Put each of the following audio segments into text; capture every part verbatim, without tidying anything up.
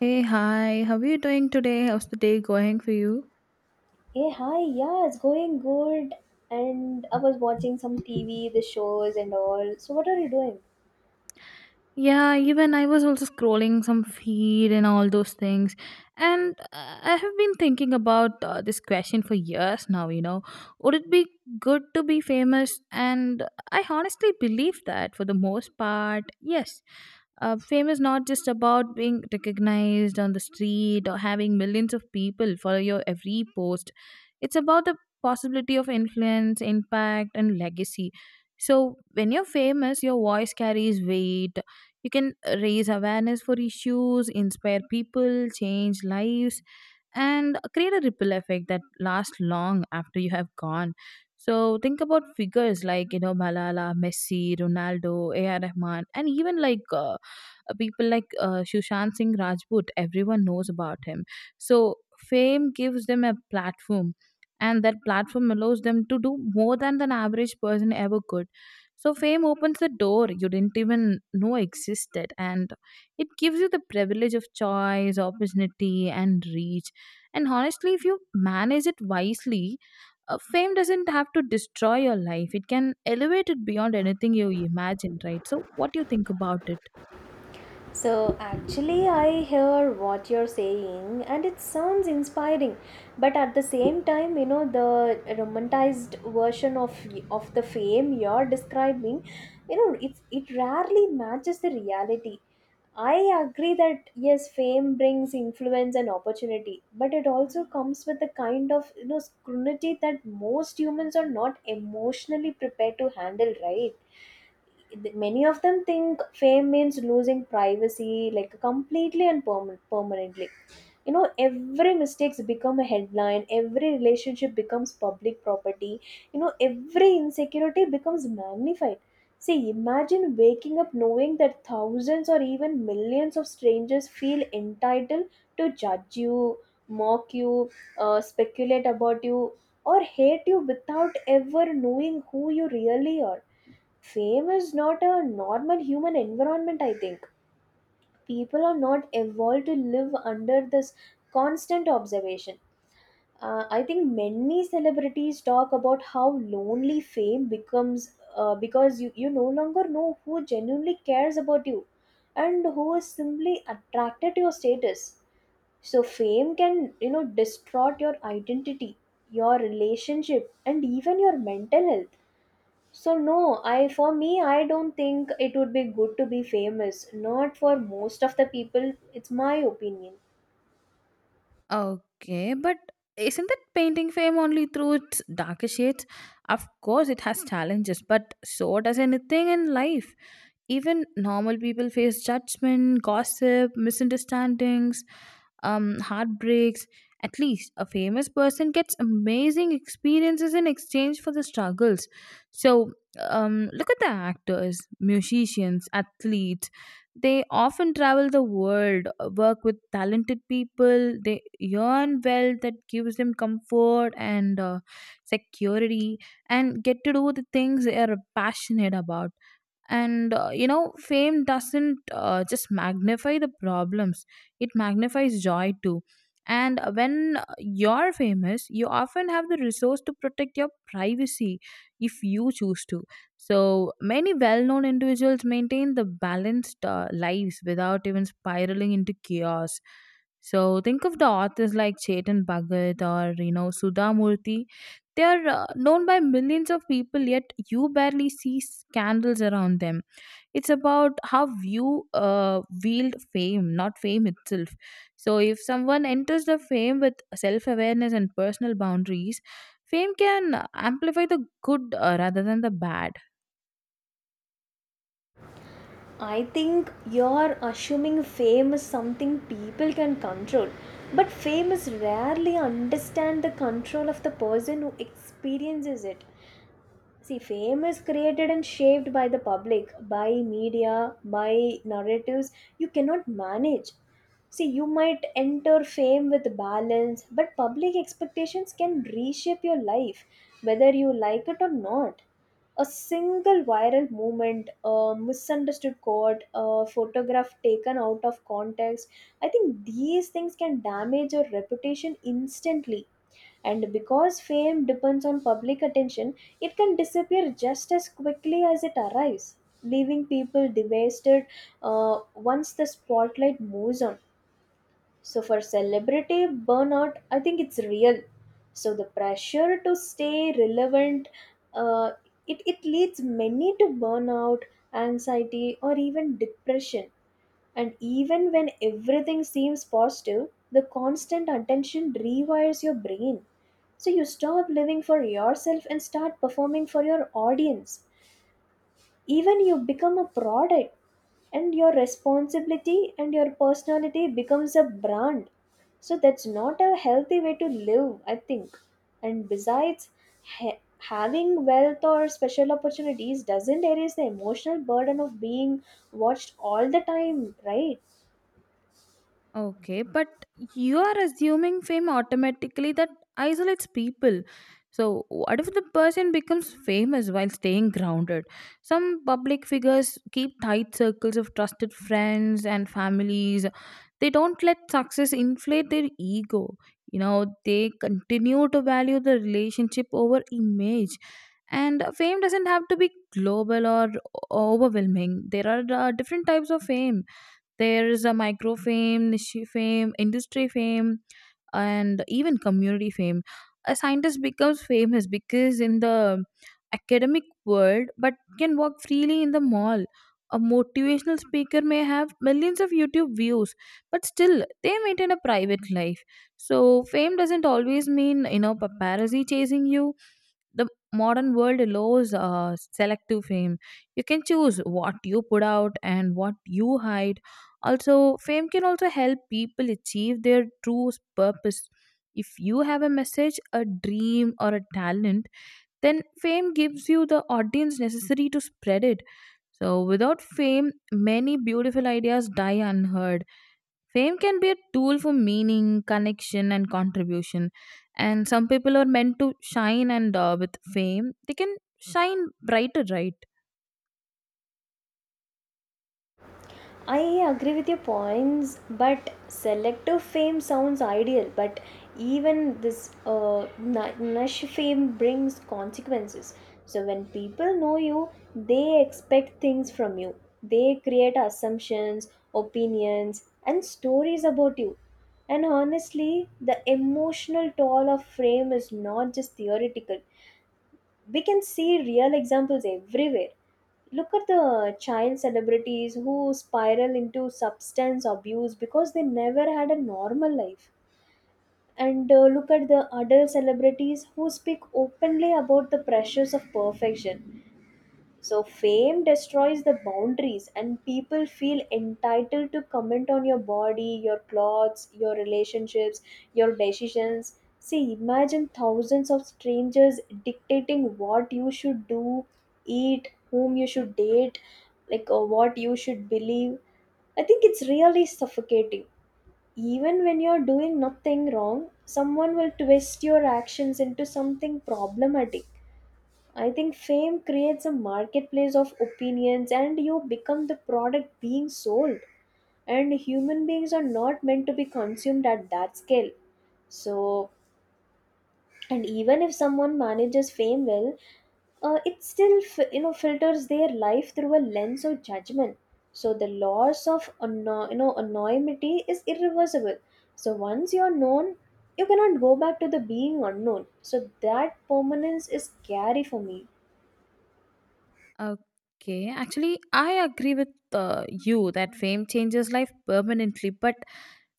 Hey, hi, how are you doing today? How's the day going for you? Hey, hi, yeah, it's going good. And I was watching some T V, the shows, and all. So, what are you doing? Yeah, even I was also scrolling some feed and all those things. And uh, I have been thinking about uh, this question for years now, you know. Would it be good to be famous? And I honestly believe that for the most part, yes. Uh, fame is not just about being recognized on the street or having millions of people follow your every post. It's about the possibility of influence, impact, and legacy. So, when you're famous, your voice carries weight. You can uh, raise awareness for issues, inspire people, change lives, and uh, create a ripple effect that lasts long after you have gone. So think about figures like you know Malala, Messi, Ronaldo, A R. Rahman, and even like uh, uh, people like uh, Sushant Singh Rajput, everyone knows about him. So fame gives them a platform, and that platform allows them to do more than an average person ever could. So fame opens the door you didn't even know existed, and it gives you the privilege of choice, opportunity, and reach. And honestly, if you manage it wisely, uh, fame doesn't have to destroy your life. It can elevate it beyond anything you imagine, right? So, what do you think about it? So, actually, I hear what you're saying, and it sounds inspiring. But at the same time, you know, the romanticized version of of the fame you're describing, you know, it's it rarely matches the reality. I agree that yes, fame brings influence and opportunity, but it also comes with a kind of you know scrutiny that most humans are not emotionally prepared to handle, right? Th- many of them think fame means losing privacy, like completely and perma- permanently. You know, every mistakes become a headline, every relationship becomes public property, you know, every insecurity becomes magnified. See, imagine waking up knowing that thousands or even millions of strangers feel entitled to judge you, mock you, uh, speculate about you, or hate you without ever knowing who you really are. Fame is not a normal human environment, I think. People are not evolved to live under this constant observation. Uh, I think many celebrities talk about how lonely fame becomes, uh, because you, you no longer know who genuinely cares about you and who is simply attracted to your status. So fame can, you know, distort your identity, your relationship, and even your mental health. So no, I, for me, I don't think it would be good to be famous. Not for most of the people. It's my opinion. Okay, but isn't that painting fame only through its darker shades? Of course, it has challenges, but so does anything in life. Even normal people face judgment, gossip, misunderstandings, um, heartbreaks. At least a famous person gets amazing experiences in exchange for the struggles. So um, look at the actors, musicians, athletes. They often travel the world, uh, work with talented people, they earn wealth that gives them comfort and uh, security, and get to do the things they are passionate about. And uh, you know fame doesn't uh, just magnify the problems, it magnifies joy too. And when you're famous, you often have the resource to protect your privacy if you choose to. So many well-known individuals maintain the balanced uh, lives without even spiraling into chaos. So think of the authors like Chetan Bhagat or you know Sudha Murthy. They are uh, known by millions of people, yet you barely see scandals around them. It's about how you uh, wield fame, not fame itself. So if someone enters the fame with self awareness and personal boundaries, fame can amplify the good uh, rather than the bad. I think you're assuming fame is something people can control. But fame is rarely understand the control of the person who experiences it. See, fame is created and shaped by the public, by media, by narratives you cannot manage. See, you might enter fame with balance, but public expectations can reshape your life, whether you like it or not. A single viral movement, a misunderstood quote, a photograph taken out of context, I think these things can damage your reputation instantly. And because fame depends on public attention, it can disappear just as quickly as it arrives, leaving people devastated uh, once the spotlight moves on. So for celebrity burnout, I think it's real. So the pressure to stay relevant, uh, it, it leads many to burnout, anxiety, or even depression. And even when everything seems positive, the constant attention rewires your brain. So you stop living for yourself and start performing for your audience. Even you become a product, and your responsibility and your personality becomes a brand. So that's not a healthy way to live, I think. And besides, ha- having wealth or special opportunities doesn't erase the emotional burden of being watched all the time, right? Okay, but you are assuming fame automatically, that isolates people. So, what if the person becomes famous while staying grounded? Some public figures keep tight circles of trusted friends and families. They don't let success inflate their ego. You know, they continue to value the relationship over image. And fame doesn't have to be global or o- overwhelming. There are uh, different types of fame. There is a micro fame, niche fame, industry fame, and even community fame. A scientist becomes famous because in the academic world, but can walk freely in the mall. A motivational speaker may have millions of YouTube views, but still they maintain a private life. So fame doesn't always mean you know paparazzi chasing you. The modern world allows uh, selective fame. You can choose what you put out and what you hide. Also, fame can also help people achieve their true purpose. If you have a message, a dream, or a talent, then fame gives you the audience necessary to spread it. So, without fame, many beautiful ideas die unheard. Fame can be a tool for meaning, connection, and contribution. And some people are meant to shine, and uh, with fame, they can shine brighter, right? I agree with your points, but selective fame sounds ideal, but even this uh, nu- nush fame brings consequences. So, when people know you, they expect things from you. They create assumptions, opinions, and stories about you. And honestly, the emotional toll of fame is not just theoretical, we can see real examples everywhere. Look at the child celebrities who spiral into substance abuse because they never had a normal life. And uh, look at the adult celebrities who speak openly about the pressures of perfection. So fame destroys the boundaries and people feel entitled to comment on your body, your clothes, your relationships, your decisions. See, imagine thousands of strangers dictating what you should do, eat, whom you should date, like, or what you should believe. I think it's really suffocating. Even when you're doing nothing wrong, someone will twist your actions into something problematic. I think fame creates a marketplace of opinions and you become the product being sold. And human beings are not meant to be consumed at that scale. So, and even if someone manages fame well, uh, it still fi- you know filters their life through a lens of judgment. So the loss of anno- you know anonymity is irreversible. So once you're known, you cannot go back to the being unknown. So that permanence is scary for me. Okay, actually, I agree with uh, you that fame changes life permanently, but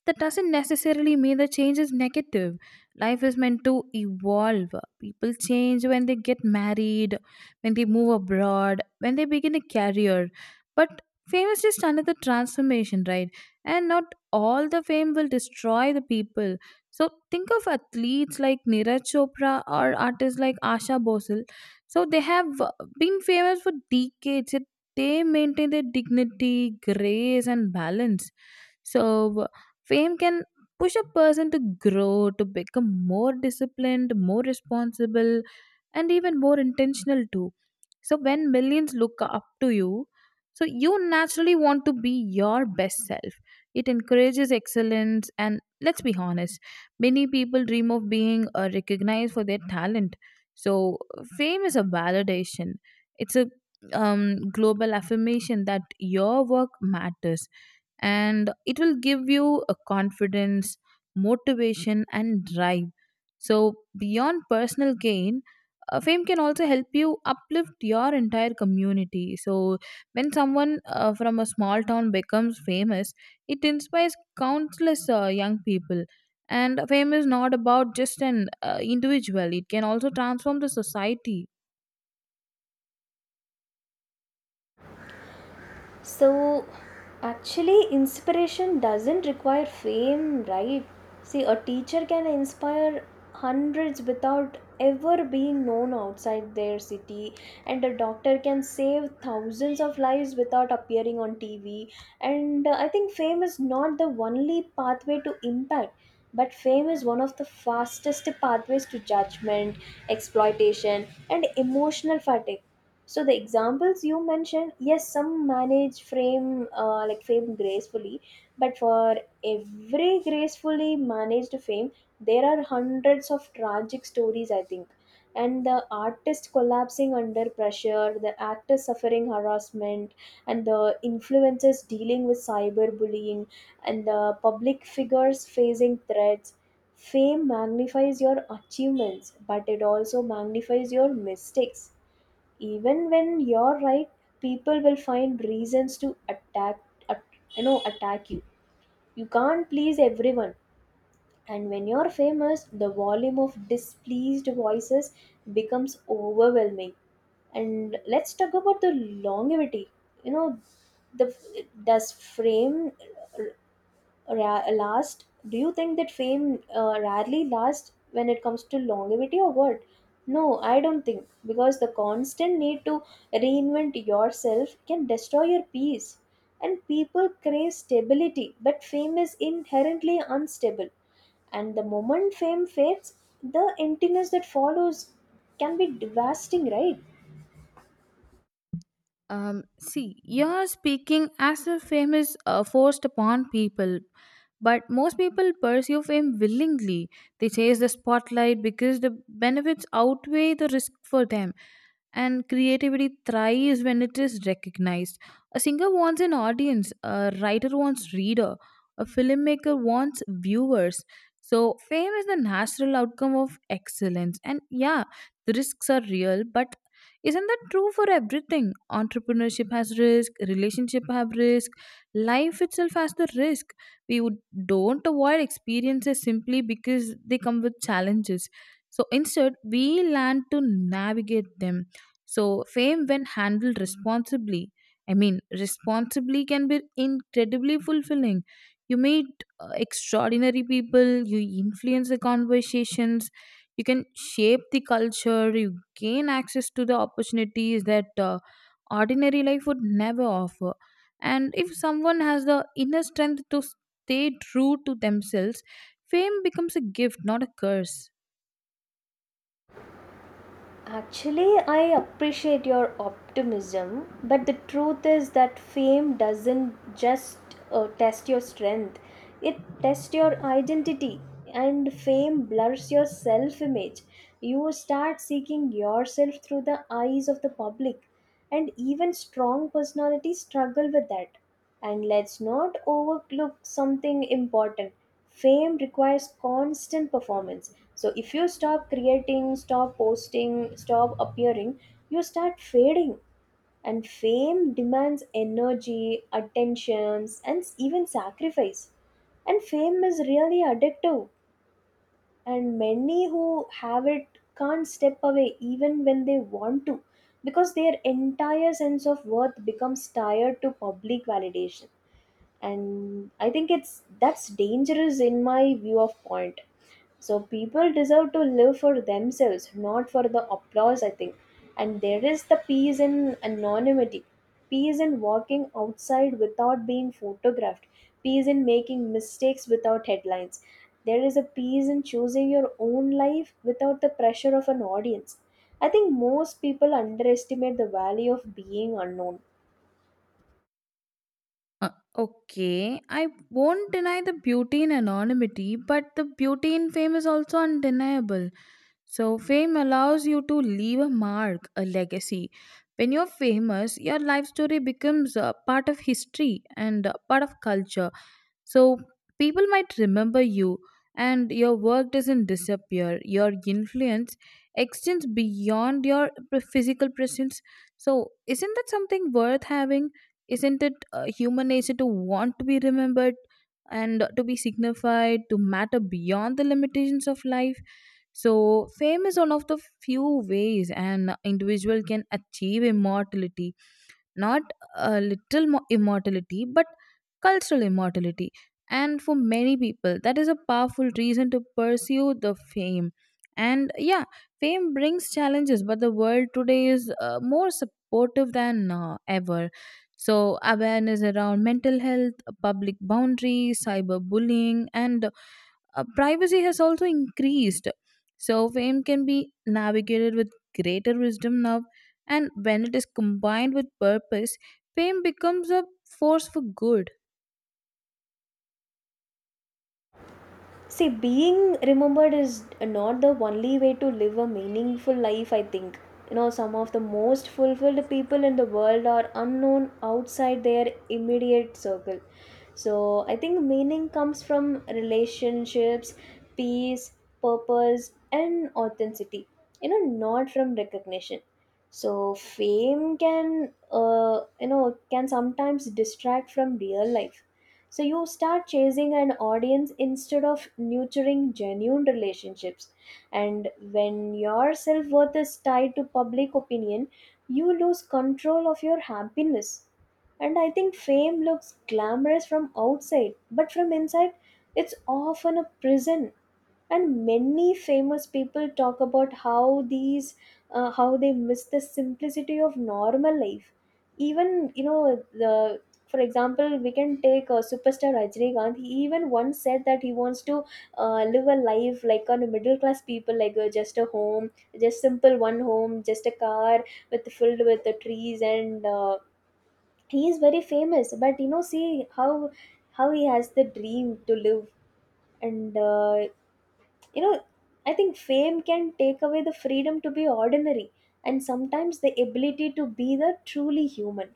that doesn't necessarily mean the change is negative. Life is meant to evolve. People change when they get married, when they move abroad, when they begin a career. But fame is just another transformation, right? And not all the fame will destroy the people. So think of athletes like Neeraj Chopra or artists like Asha Bosal. So they have uh, been famous for decades. Yet they maintain their dignity, grace, and balance. So fame can push a person to grow, to become more disciplined, more responsible, and even more intentional too. So when millions look up to you, so you naturally want to be your best self. It encourages excellence, and let's be honest, many people dream of being uh, recognized for their talent. So fame is a validation. It's a um, global affirmation that your work matters, and it will give you a confidence, motivation, and drive. So, beyond personal gain, uh, fame can also help you uplift your entire community. So, when someone uh, from a small town becomes famous, it inspires countless uh, young people. And fame is not about just an uh, individual, it can also transform the society. So, actually, inspiration doesn't require fame, right? See, a teacher can inspire hundreds without ever being known outside their city, and a doctor can save thousands of lives without appearing on T V. And uh, I think fame is not the only pathway to impact. But fame is one of the fastest pathways to judgment, exploitation, and emotional fatigue. So the examples you mentioned, yes, some manage frame uh, like fame gracefully, but for every gracefully managed fame, there are hundreds of tragic stories, I think. And the artist collapsing under pressure, the actor suffering harassment, and the influencers dealing with cyberbullying, and the public figures facing threats. Fame magnifies your achievements, but it also magnifies your mistakes. Even when you're right, people will find reasons to attack at, you know, attack you. You can't please everyone, and when you're famous the volume of displeased voices becomes overwhelming. And let's talk about the longevity, you know, the, does fame ra- last? Do you think that fame uh, rarely lasts when it comes to longevity or what? No, I don't think, because the constant need to reinvent yourself can destroy your peace. And people crave stability, but fame is inherently unstable. And the moment fame fades, the emptiness that follows can be devastating, right? Um, see, you're speaking as if fame is uh, forced upon people, but most people pursue fame willingly. They chase the spotlight because the benefits outweigh the risk for them, and creativity thrives when it is recognized. A singer wants an audience, a writer wants reader, a filmmaker wants viewers. So, fame is the natural outcome of excellence, and yeah, the risks are real, but isn't that true for everything? Entrepreneurship has risk, relationship have risk, life itself has the risk. We would, don't avoid experiences simply because they come with challenges. So instead, we learn to navigate them. So fame when handled responsibly. I mean, responsibly can be incredibly fulfilling. You meet uh, extraordinary people, you influence the conversations, you can shape the culture, you gain access to the opportunities that uh, ordinary life would never offer, and if someone has the inner strength to stay true to themselves, fame becomes a gift, not a curse. Actually, I appreciate your optimism, but the truth is that fame doesn't just uh, test your strength, it tests your identity, and fame blurs your self image. You start seeking yourself through the eyes of the public, and even strong personalities struggle with that. And let's not overlook something important. Fame requires constant performance. So if you stop creating, stop posting, stop appearing, you start fading. And fame demands energy, attentions, and even sacrifice. And fame is really addictive, and many who have it can't step away even when they want to, because their entire sense of worth becomes tied to public validation. And I think it's that's dangerous in my view of point. So people deserve to live for themselves, not for the applause, I think. And there is the peace in anonymity, peace in walking outside without being photographed, peace in making mistakes without headlines. There is a peace in choosing your own life without the pressure of an audience. I think most people underestimate the value of being unknown. Uh, okay, I won't deny the beauty in anonymity, but the beauty in fame is also undeniable. So, fame allows you to leave a mark, a legacy. When you're famous, your life story becomes a part of history and a part of culture. So people might remember you, and your work doesn't disappear. Your influence extends beyond your p- physical presence. So isn't that something worth having? Isn't it uh, human nature to want to be remembered and to be signified, to matter beyond the limitations of life? So fame is one of the few ways an individual can achieve immortality, not a little mo- immortality but cultural immortality, and for many people that is a powerful reason to pursue the fame. And yeah, fame brings challenges, but the world today is uh, more supportive than uh, ever. So awareness around mental health, public boundaries, cyberbullying, and uh, privacy has also increased. So fame can be navigated with greater wisdom now, and when it is combined with purpose, fame becomes a force for good. See, being remembered is not the only way to live a meaningful life, I think. You know, some of the most fulfilled people in the world are unknown outside their immediate circle. So, I think meaning comes from relationships, peace, purpose, and authenticity, you know, not from recognition. So, fame can, uh, you know, can sometimes distract from real life. So you start chasing an audience instead of nurturing genuine relationships. And when your self worth is tied to public opinion, you lose control of your happiness. And I think fame looks glamorous from outside, but from inside, it's often a prison. And many famous people talk about how these, uh, how they miss the simplicity of normal life. Even, you know, the, for example, we can take a superstar Rajinikanth. He even once said that he wants to uh, live a life like a middle class people, like uh, just a home, just simple one home, just a car with filled with the trees, and uh, he is very famous, but you know, see how how he has the dream to live. And uh, you know, I think fame can take away the freedom to be ordinary, and sometimes the ability to be the truly human.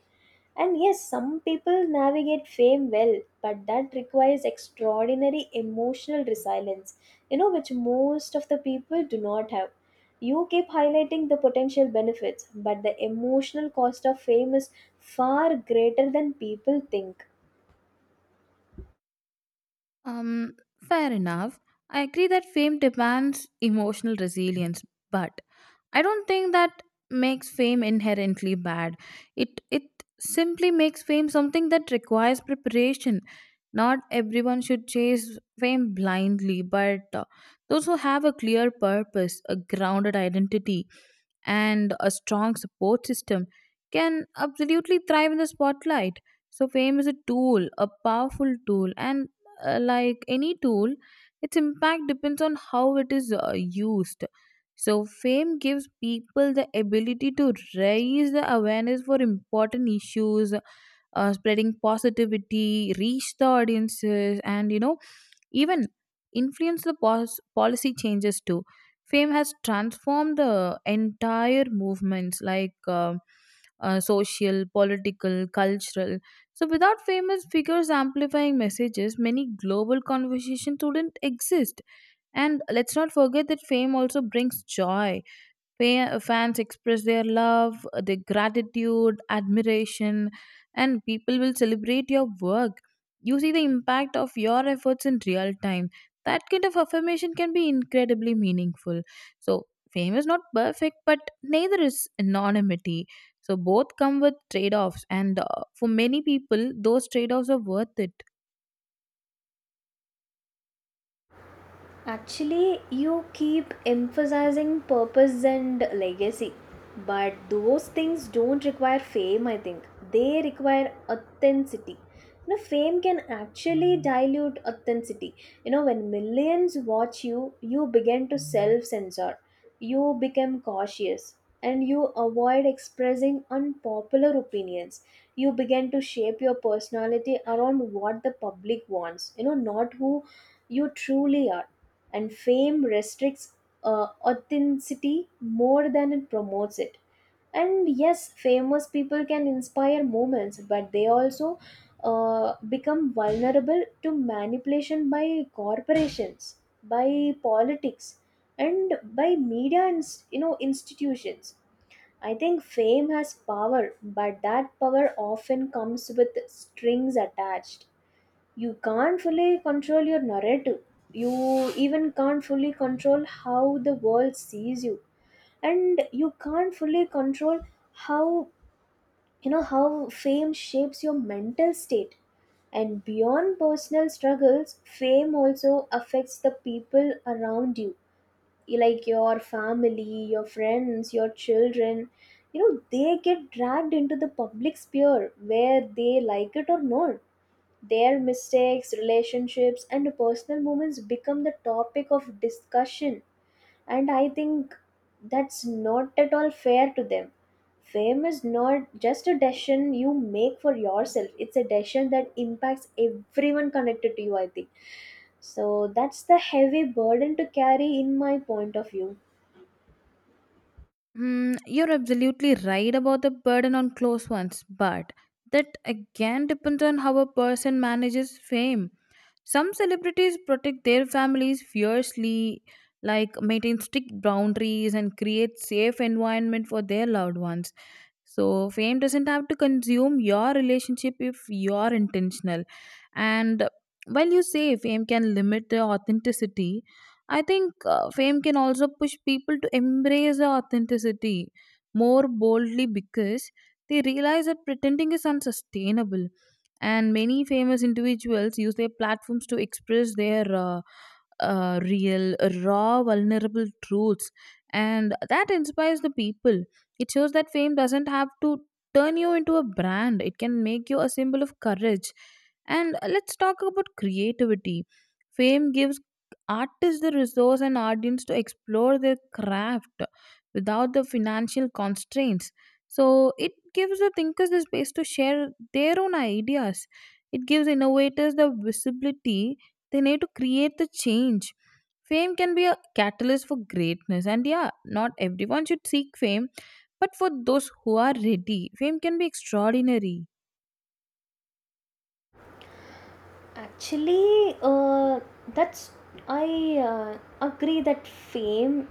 And yes, some people navigate fame well, but that requires extraordinary emotional resilience, you know, which most of the people do not have. You keep highlighting the potential benefits, but the emotional cost of fame is far greater than people think. Um, Fair enough. I agree that fame demands emotional resilience, but I don't think that makes fame inherently bad. It it simply makes fame something that requires preparation. Not everyone should chase fame blindly, but uh, those who have a clear purpose, a grounded identity, and a strong support system can absolutely thrive in the spotlight. So, fame is a tool, a powerful tool, and uh, like any tool, its impact depends on how it is uh, used. So, fame gives people the ability to raise the awareness for important issues, uh, spreading positivity, reach the audiences, and you know, even influence the pos- policy changes too. Fame has transformed the entire movements like uh, uh, social, political, cultural. So without famous figures amplifying messages, many global conversations wouldn't exist. And let's not forget that fame also brings joy. Fa- fans express their love, their gratitude, admiration, and people will celebrate your work. You see the impact of your efforts in real time. That kind of affirmation can be incredibly meaningful. So, fame is not perfect, but neither is anonymity. So, both come with trade offs, and uh, for many people, those trade offs are worth it. Actually, you keep emphasizing purpose and legacy, but those things don't require fame, I think. They require authenticity. You know, fame can actually dilute authenticity. You know, when millions watch you, you begin to self censor, you become cautious, and you avoid expressing unpopular opinions. You begin to shape your personality around what the public wants, you know, not who you truly are. And fame restricts uh, authenticity more than it promotes it. And yes, famous people can inspire moments, but they also uh, become vulnerable to manipulation by corporations, by politics, and by media, and you know, institutions. I think fame has power, but that power often comes with strings attached. You can't fully control your narrative, you even can't fully control how the world sees you, and you can't fully control how you know how fame shapes your mental state. And beyond personal struggles, fame also affects the people around you, like your family, your friends, your children. You know, they get dragged into the public sphere where they like it or not. Their mistakes, relationships, and personal moments become the topic of discussion, and I think that's not at all fair to them. Fame is not just a decision you make for yourself, it's a decision that impacts everyone connected to you, I think. So that's the heavy burden to carry, in my point of view. Mm, you're absolutely right about the burden on close ones, but that again depends on how a person manages fame. Some celebrities protect their families fiercely, like maintain strict boundaries and create safe environment for their loved ones. So, fame doesn't have to consume your relationship if you're intentional. And while you say fame can limit the authenticity, I think uh, fame can also push people to embrace the authenticity more boldly because they realize that pretending is unsustainable, and many famous individuals use their platforms to express their uh, uh, real, raw, vulnerable truths, and that inspires the people. It shows that fame doesn't have to turn you into a brand, it can make you a symbol of courage. And let's talk about creativity. Fame gives artists the resource and audience to explore their craft without the financial constraints. So it gives the thinkers the space to share their own ideas. It gives innovators the visibility they need to create the change. Fame can be a catalyst for greatness, and yeah, not everyone should seek fame, but for those who are ready, fame can be extraordinary. Actually, uh, that's I uh, agree that fame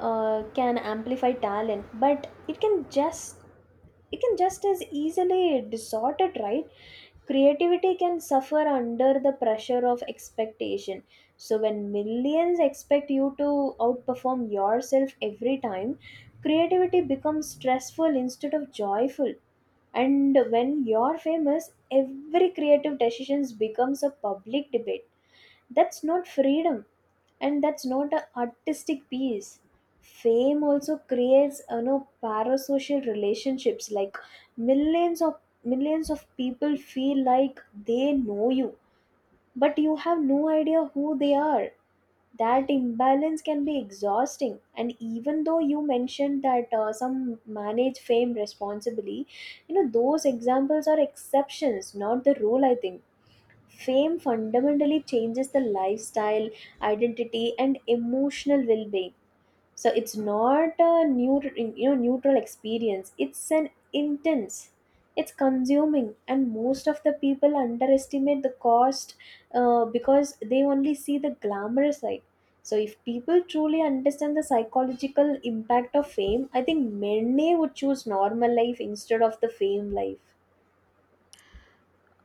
uh, can amplify talent, but it can just it can just as easily distort it, right? Creativity can suffer under the pressure of expectation. So when millions expect you to outperform yourself every time, creativity becomes stressful instead of joyful. And when you're famous, every creative decisions becomes a public debate. That's not freedom, and that's not an artistic piece. Fame also creates you know parasocial relationships, like millions of millions of people feel like they know you, but you have no idea who they are. That imbalance can be exhausting, and even though you mentioned that uh, some manage fame responsibly, you know those examples are exceptions, not the rule. I think fame fundamentally changes the lifestyle, identity and emotional well-being. So it's not a neutral, you know neutral experience. It's an intense, it's consuming, and most of the people underestimate the cost, uh, because they only see the glamorous side. So if people truly understand the psychological impact of fame, I think many would choose normal life instead of the fame life.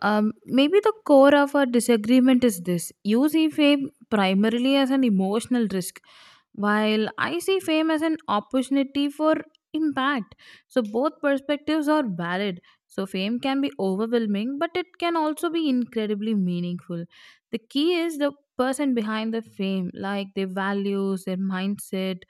Um, maybe the core of our disagreement is this: you see fame primarily as an emotional risk, while I see fame as an opportunity for impact. So both perspectives are valid. So fame can be overwhelming, but it can also be incredibly meaningful. The key is the person behind the fame, like their values, their mindset,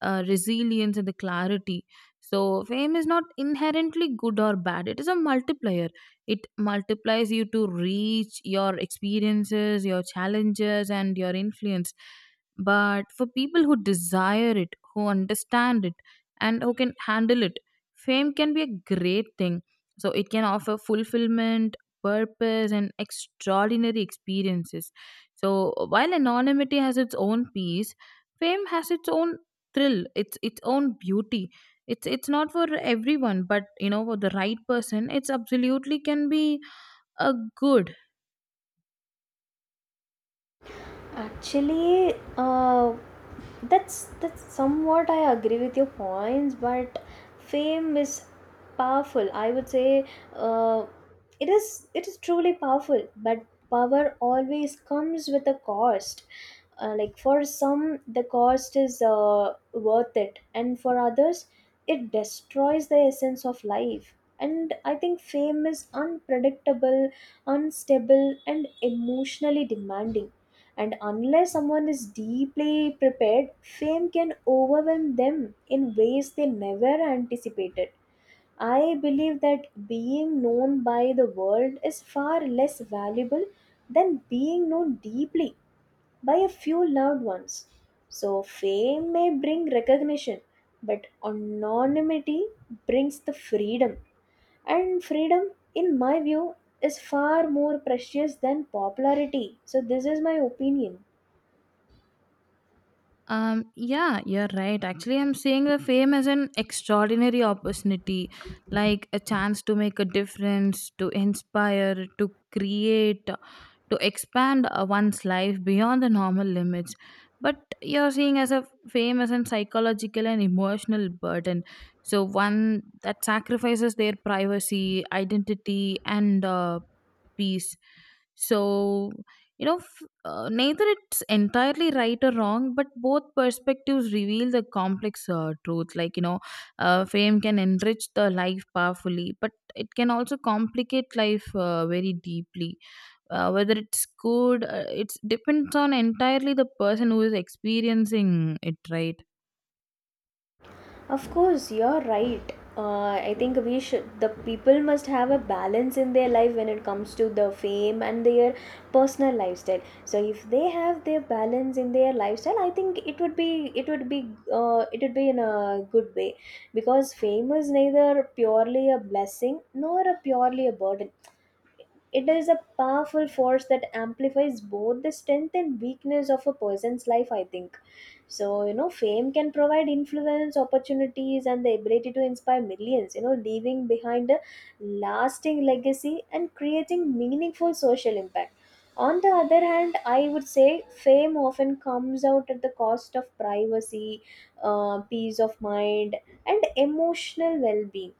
uh, resilience, and the clarity. So fame is not inherently good or bad. It is a multiplier. It multiplies you to reach your experiences, your challenges, and your influence, but for people who desire it, who understand it, and who can handle it, fame can be a great thing. So it can offer fulfillment, purpose, and extraordinary experiences. So while anonymity has its own peace, fame has its own thrill, its its own beauty. It's it's not for everyone, but you know for the right person, it's absolutely can be a good. Actually, uh, that's that's somewhat I agree with your points, but fame is powerful. I would say uh, it is it is truly powerful, but power always comes with a cost. Uh, like for some the cost is uh, worth it, and for others it destroys the essence of life. And I think fame is unpredictable, unstable and emotionally demanding, and unless someone is deeply prepared, fame can overwhelm them in ways they never anticipated. I believe that being known by the world is far less valuable than being known deeply by a few loved ones. So, fame may bring recognition, but anonymity brings the freedom. And freedom, in my view, is far more precious than popularity. So, this is my opinion. Um, yeah, you're right. Actually, I'm seeing the fame as an extraordinary opportunity, like a chance to make a difference, to inspire, to create, to expand uh, one's life beyond the normal limits. But you're seeing as a fame as an psychological and emotional burden. So one that sacrifices their privacy, identity, and uh, peace. So you know, uh, neither it's entirely right or wrong, but both perspectives reveal the complex uh, truth. Like, you know, uh, fame can enrich the life powerfully, but it can also complicate life uh, very deeply. Uh, whether it's good, uh, it depends on entirely the person who is experiencing it, right? Of course, you're right. Uh, I think we should, the people must have a balance in their life when it comes to the fame and their personal lifestyle. So if they have their balance in their lifestyle, I think it would be, it would be, uh, it would be in a good way, because fame is neither purely a blessing nor a purely a burden. It is a powerful force that amplifies both the strength and weakness of a person's life, I think. So, you know, fame can provide influence, opportunities, and the ability to inspire millions, you know, leaving behind a lasting legacy and creating meaningful social impact. On the other hand, I would say fame often comes out at the cost of privacy, uh, peace of mind, and emotional well being,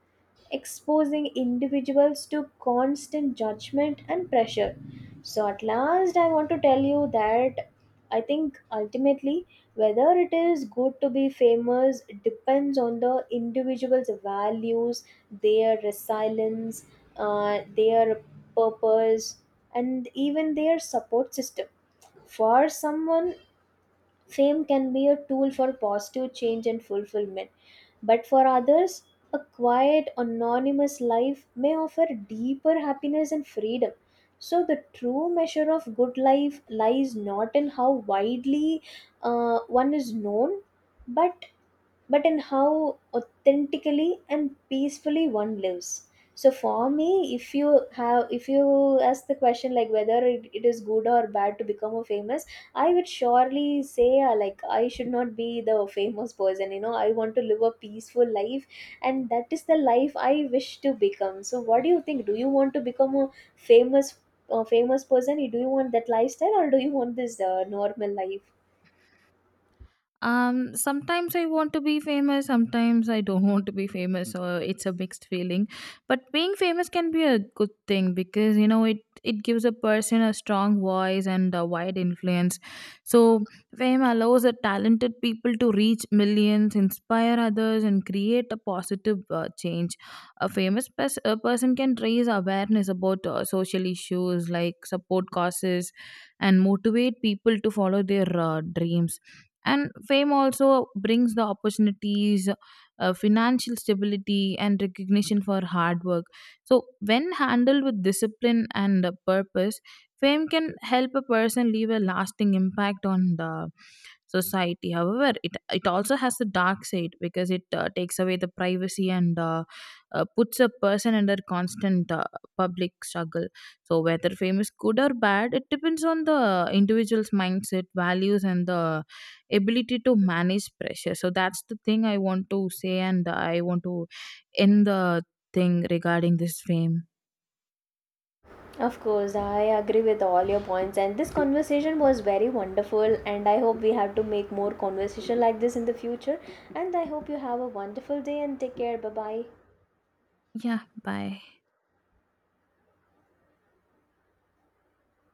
exposing individuals to constant judgment and pressure. So, at last, I want to tell you that I think ultimately whether it is good to be famous depends on the individual's values, their resilience, uh, their purpose, and even their support system. For someone, fame can be a tool for positive change and fulfillment, but for others, a quiet, anonymous life may offer deeper happiness and freedom. So, the true measure of good life lies not in how widely uh, one is known, but but in how authentically and peacefully one lives. So for me, if you have if you ask the question like whether it, it is good or bad to become a famous, I would surely say, uh, like, I should not be the famous person. You know, I want to live a peaceful life, and that is the life I wish to become. So what do you think? Do you want to become a famous a famous person? Do you want that lifestyle, or do you want this uh, normal life? Um sometimes I want to be famous, sometimes I don't want to be famous, or it's a mixed feeling. But being famous can be a good thing because you know it it gives a person a strong voice and a wide influence. So fame allows the talented people to reach millions, inspire others, and create a positive uh, change. A famous pers- a person can raise awareness about uh, social issues, like support causes and motivate people to follow their uh, dreams. And fame also brings the opportunities, uh, financial stability, and recognition for hard work. So when handled with discipline and uh, purpose, fame can help a person leave a lasting impact on the society. However, it it also has a dark side because it uh, takes away the privacy and uh, uh, puts a person under constant uh, public struggle. So whether fame is good or bad, it depends on the individual's mindset, values, and the ability to manage pressure. So that's the thing I want to say, and I want to end the thing regarding this frame. Of course, I agree with all your points, and this conversation was very wonderful. And I hope we have to make more conversation like this in the future. And I hope you have a wonderful day and take care. Bye bye. Yeah, bye.